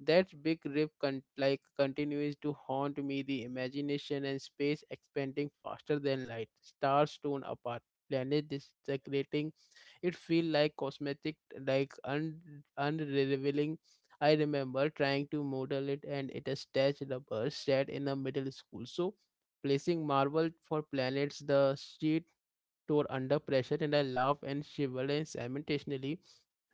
Speaker 1: that big rip like continues to haunt me the imagination and space expanding faster than light, stars torn apart, planet disintegrating. It feel like cosmetic, like unrevealing. I remember trying to model it and it is stretched rubber set in the middle school. So placing marble for planets, the sheet tore under pressure and I laughed and shivered and simultaneously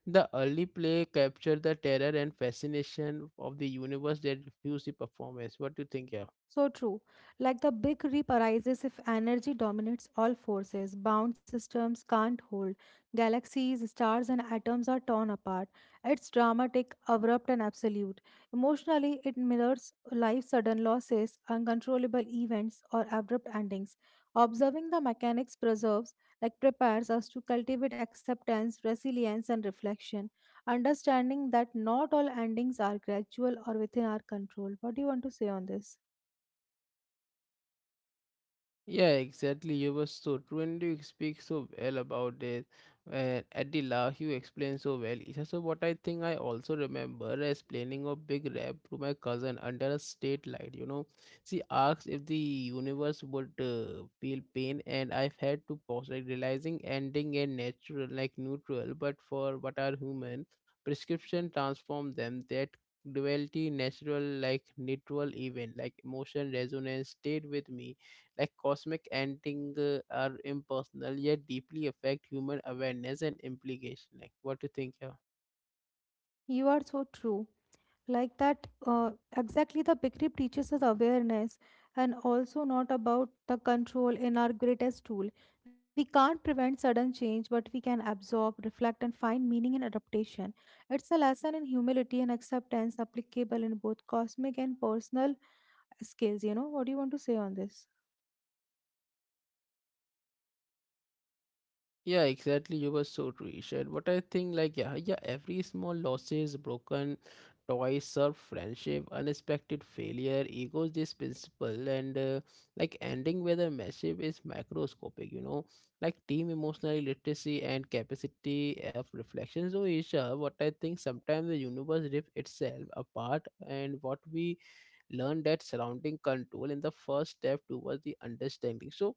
Speaker 1: the early play captured the terror and fascination of the universe that refused the performance. What do you think, yeah?
Speaker 2: So true. Like the big rip arises if energy dominates all forces, bound systems can't hold, galaxies, stars, and atoms are torn apart. It's dramatic, abrupt, and absolute. Emotionally, it mirrors life's sudden losses, uncontrollable events, or abrupt endings. Observing the mechanics preserves, like prepares us to cultivate acceptance, resilience, and reflection, understanding that not all endings are gradual or within our control. What do you want to say on this?
Speaker 1: Yeah, exactly. You were so true, and you speak so well about it. And at the last, you explained so well. It is also what I think I also remember is planning a big rap to my cousin under a state light. You know, she asked if the universe would feel pain, and I've had to pause, like realizing ending and natural, like neutral, but for what are human prescription transform them that duality natural like neutral even like emotion resonance stayed with me like cosmic ending are impersonal yet deeply affect human awareness and implication. Like what do you think, yeah?
Speaker 2: You are so true. Like that, uh, exactly the big rip teaches us awareness and also not about the control in our greatest tool. We can't prevent sudden change, but we can absorb, reflect, and find meaning in adaptation. It's a lesson in humility and acceptance applicable in both cosmic and personal scales. You know, what do you want to say on this?
Speaker 1: Yeah, exactly. You were so true, Isha. What I think, like, yeah, yeah, every small losses, broken toys, serve friendship, unexpected failure, egos, this principle, and like ending with a massive is macroscopic, you know, like team emotional literacy and capacity of reflection. So, Isha, what I think sometimes the universe rips itself apart, and what we learn that surrounding control in the first step towards the understanding. So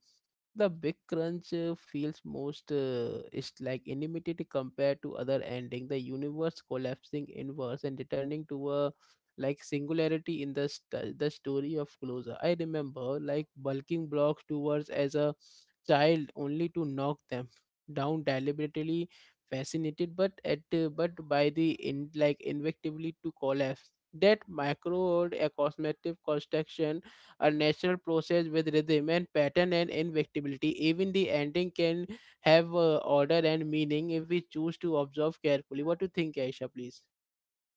Speaker 1: the big crunch feels most is like inimitable compared to other ending. The universe collapsing inwards and returning to a like singularity in the story of closure. I remember like bulking blocks towards as a child only to knock them down deliberately fascinated but by the in like invectively to collapse that micro a cosmetic construction a natural process with rhythm and pattern and invectivity even the ending can have order and meaning if we choose to observe carefully. What do you think, aisha, please?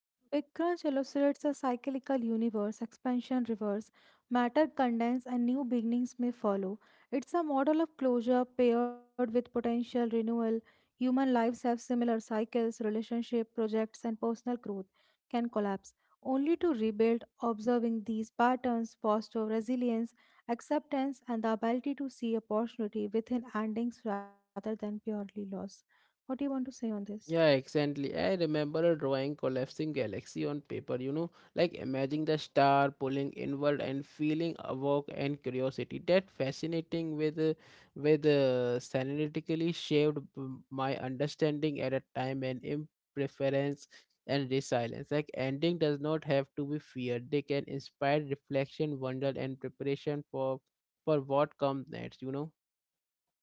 Speaker 2: Big Crunch illustrates a cyclical universe, expansion reverse, matter condense and new beginnings may follow. It's a model of closure paired with potential renewal. Human lives have similar cycles, relationship, projects, and personal growth can collapse. Only to rebuild, observing these patterns foster resilience, acceptance, and the ability to see opportunity within endings rather than purely loss. What do you want to say on this?
Speaker 1: Yeah, exactly. I remember a drawing collapsing galaxy on paper, you know, like imagining the star pulling inward and feeling awoke and curiosity. That fascinating with synaptically shaped my understanding at a time and impreference and resilience. Like ending does not have to be feared. They can inspire reflection, wonder and preparation for what comes next, you know.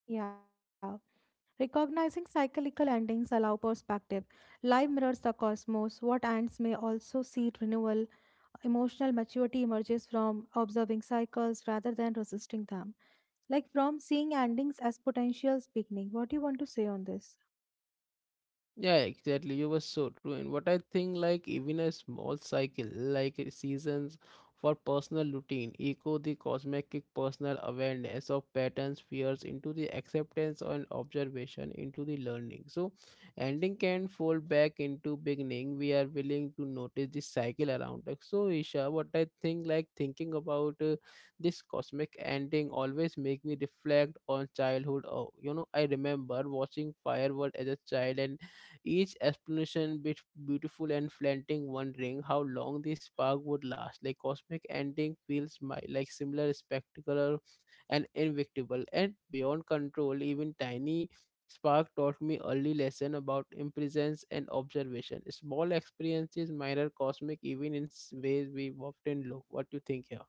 Speaker 2: Yeah. Recognizing cyclical endings allow perspective. Life mirrors the cosmos. What ends may also see renewal. Emotional maturity emerges from observing cycles rather than resisting them. Like from seeing endings as potentials beginning. What do you want to say on this?
Speaker 1: Yeah, exactly. You were so true. And what I think, like even a small cycle, like seasons for personal routine, echo the cosmetic personal awareness of patterns, fears into the acceptance and observation into the learning. So, ending can fold back into beginning. We are willing to notice the cycle around us. So, Isha, what I think, like thinking about this cosmic ending always make me reflect on childhood. Oh, you know, I remember watching firework as a child and each explanation bit beautiful and flaunting, wondering how long this spark would last. Like cosmic ending feels my like similar spectacular and invictable and beyond control. Even tiny spark taught me early lesson about imprisonment and observation. Small experiences minor cosmic even in ways we often look. What do you think here?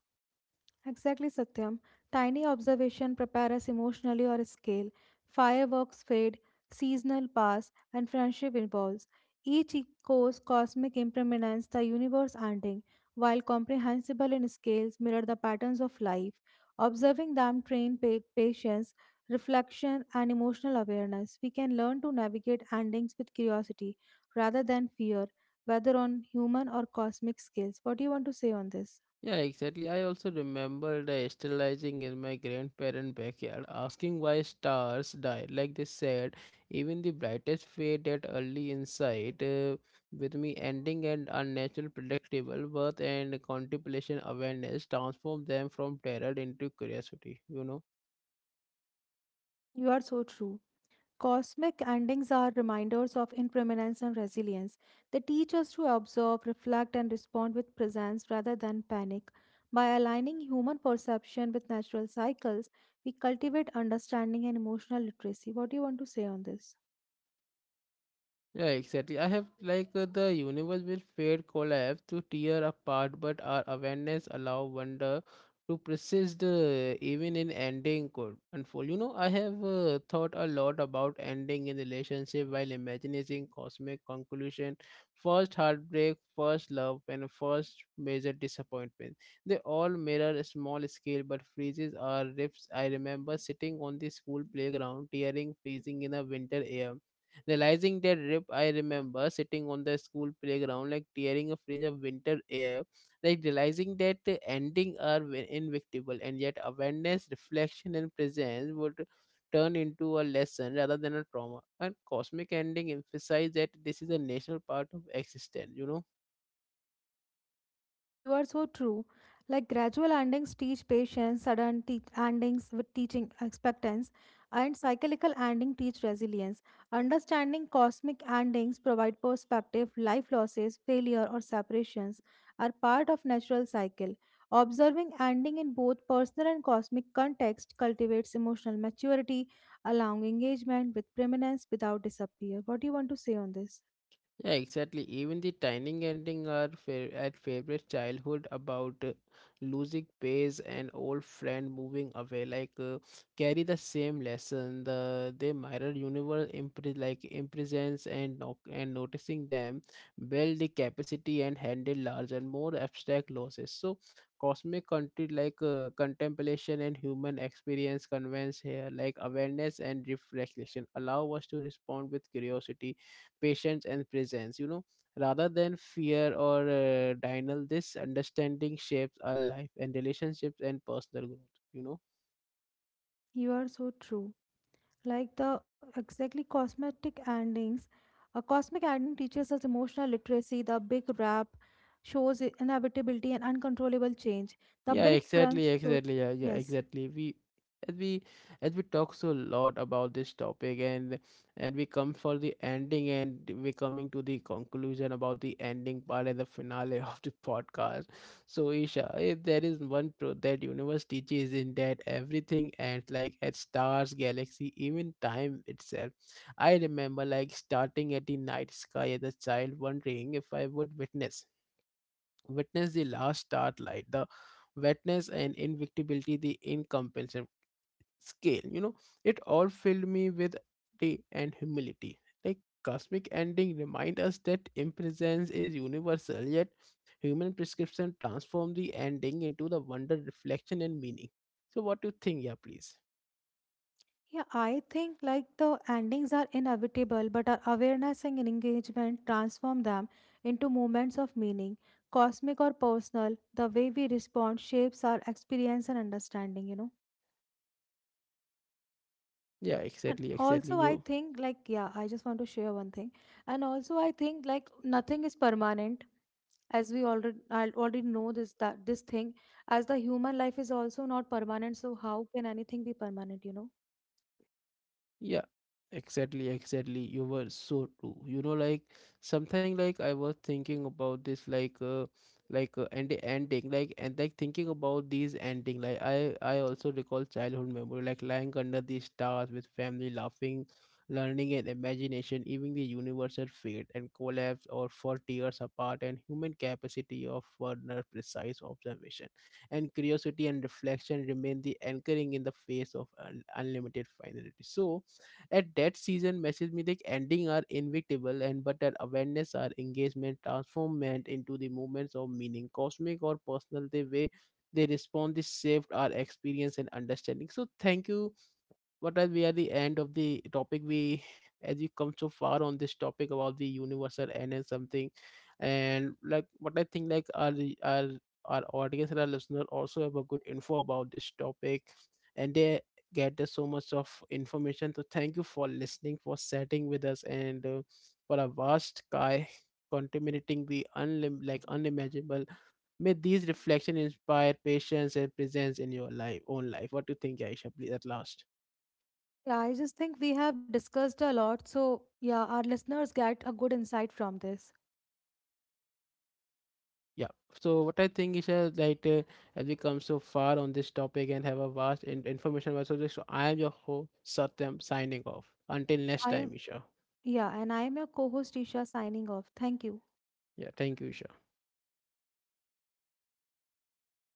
Speaker 2: Exactly, Satyam. Tiny observation prepare us emotionally or scale. Fireworks fade, seasonal pass, and friendship evolves. Each echoes cosmic impermanence, the universe ending, while comprehensible in scales mirror the patterns of life. Observing them train patience, reflection, and emotional awareness. We can learn to navigate endings with curiosity rather than fear, whether on human or cosmic scales. What do you want to say on this?
Speaker 1: Yeah, exactly. I also remember the sterilizing in my grandparents' backyard, asking why stars die. Like they said, even the brightest fade at early insight, with me ending and unnatural predictable birth and contemplation awareness transformed them from terror into curiosity, you know.
Speaker 2: You are so true. Cosmic endings are reminders of impermanence and resilience. They teach us to observe, reflect, and respond with presence rather than panic. By aligning human perception with natural cycles, we cultivate understanding and emotional literacy. What do you want to say on this?
Speaker 1: Yeah, exactly. I have like the universe will fade, collapse to tear apart, but our awareness allow wonder to persist even in ending could unfold. You know, I have thought a lot about ending in relationship while imagining cosmic conclusion, first heartbreak, first love, and first major disappointment. They all mirror a small scale but freezes our rifts. I remember sitting on the school playground, tearing, freezing in a winter air realizing their rip, I remember sitting on the school playground, like tearing a fringe of winter air, like realizing that the ending are invictable, and yet awareness, reflection, and presence would turn into a lesson rather than a trauma. And cosmic ending emphasize that this is a natural part of existence, you know.
Speaker 2: You are so true. Like gradual endings teach patience, endings with teaching expectance, and cyclical ending teach resilience. Understanding cosmic endings provide perspective. Life losses, failure, or separations are part of natural cycle. Observing ending in both personal and cosmic context cultivates emotional maturity, allowing engagement with permanence without disappear. What do you want to say on this?
Speaker 1: Yeah, exactly. Even the dining ending are at favorite childhood about losing pace and old friend moving away. Like carry the same lesson. They mirror universe like imprisons and no- and noticing them build the capacity and handle large and more abstract losses. So cosmic country like contemplation and human experience convenes here. Like awareness and reflection allow us to respond with curiosity patience and presence, you know, rather than fear or denial. This understanding shapes our life and relationships and personal growth, you know.
Speaker 2: You are so true. Like the exactly cosmetic endings a cosmic ending teaches us emotional literacy. The big rap shows inevitability and uncontrollable change. The
Speaker 1: Yeah,
Speaker 2: big
Speaker 1: exactly,
Speaker 2: crunch shows,
Speaker 1: exactly. Yeah, yeah,
Speaker 2: yes.
Speaker 1: exactly. We as we as we talk so lot about this topic and we come for the ending and we coming to the conclusion about the ending part and the finale of the podcast. So Isha, if there is one truth that universe teaches in that everything ends like at stars, galaxy, even time itself. I remember like starting at the night sky as a child wondering if I would witness the last starlight, the wetness and invictibility, the incomprehensible scale. You know, it all filled me with day and humility. Like cosmic ending remind us that impresence is universal, yet human prescription transform the ending into the wonder, reflection, and meaning. So, what do you think? Yeah, please.
Speaker 2: Yeah, I think like the endings are inevitable, but our awareness and engagement transform them into moments of meaning. Cosmic or personal, the way we respond shapes our experience and understanding, you know.
Speaker 1: Yeah, exactly,
Speaker 2: And
Speaker 1: exactly.
Speaker 2: also,
Speaker 1: You
Speaker 2: I think, like, yeah, I just want to share one thing. And also, I think, like, nothing is permanent, as we I already know this that this thing, as the human life is also not permanent. So how can anything be permanent? You know?
Speaker 1: Yeah, exactly, exactly. You were so true. You know, like something like I was thinking about this, like, and the ending, like and like thinking about these ending. Like I also recall childhood memory, like lying under the stars with family, laughing, learning, and imagination. Even the universe had fade and collapse, or for tears apart, and human capacity of further precise observation and curiosity and reflection remain the anchoring in the face of unlimited finality. So at that season, message mythic ending are invictable and but that awareness are engagement transformment into the moments of meaning, cosmic or personal, the way they respond, this shaped our experience and understanding. So thank you. What are we are the end of the topic, we as we come so far on this topic about the universal N and something, and like what I think like our our audience and our listener also have a good info about this topic and they get the so much of information. So thank you for listening, for sitting with us and for a vast sky contaminating the like unimaginable. May these reflections inspire patience and presence in your life own life. What do you think, aisha, please, at last?
Speaker 2: Yeah, I just think we have discussed a lot. So yeah, our listeners get a good insight from this.
Speaker 1: Yeah. So what I think is that like, as we come so far on this topic and have a vast information about subject, so I am your host Satyam signing off. Until next
Speaker 2: I
Speaker 1: time,
Speaker 2: am,
Speaker 1: Isha.
Speaker 2: yeah, and I am your co-host Isha signing off. Thank you.
Speaker 1: Yeah. Thank you, Isha.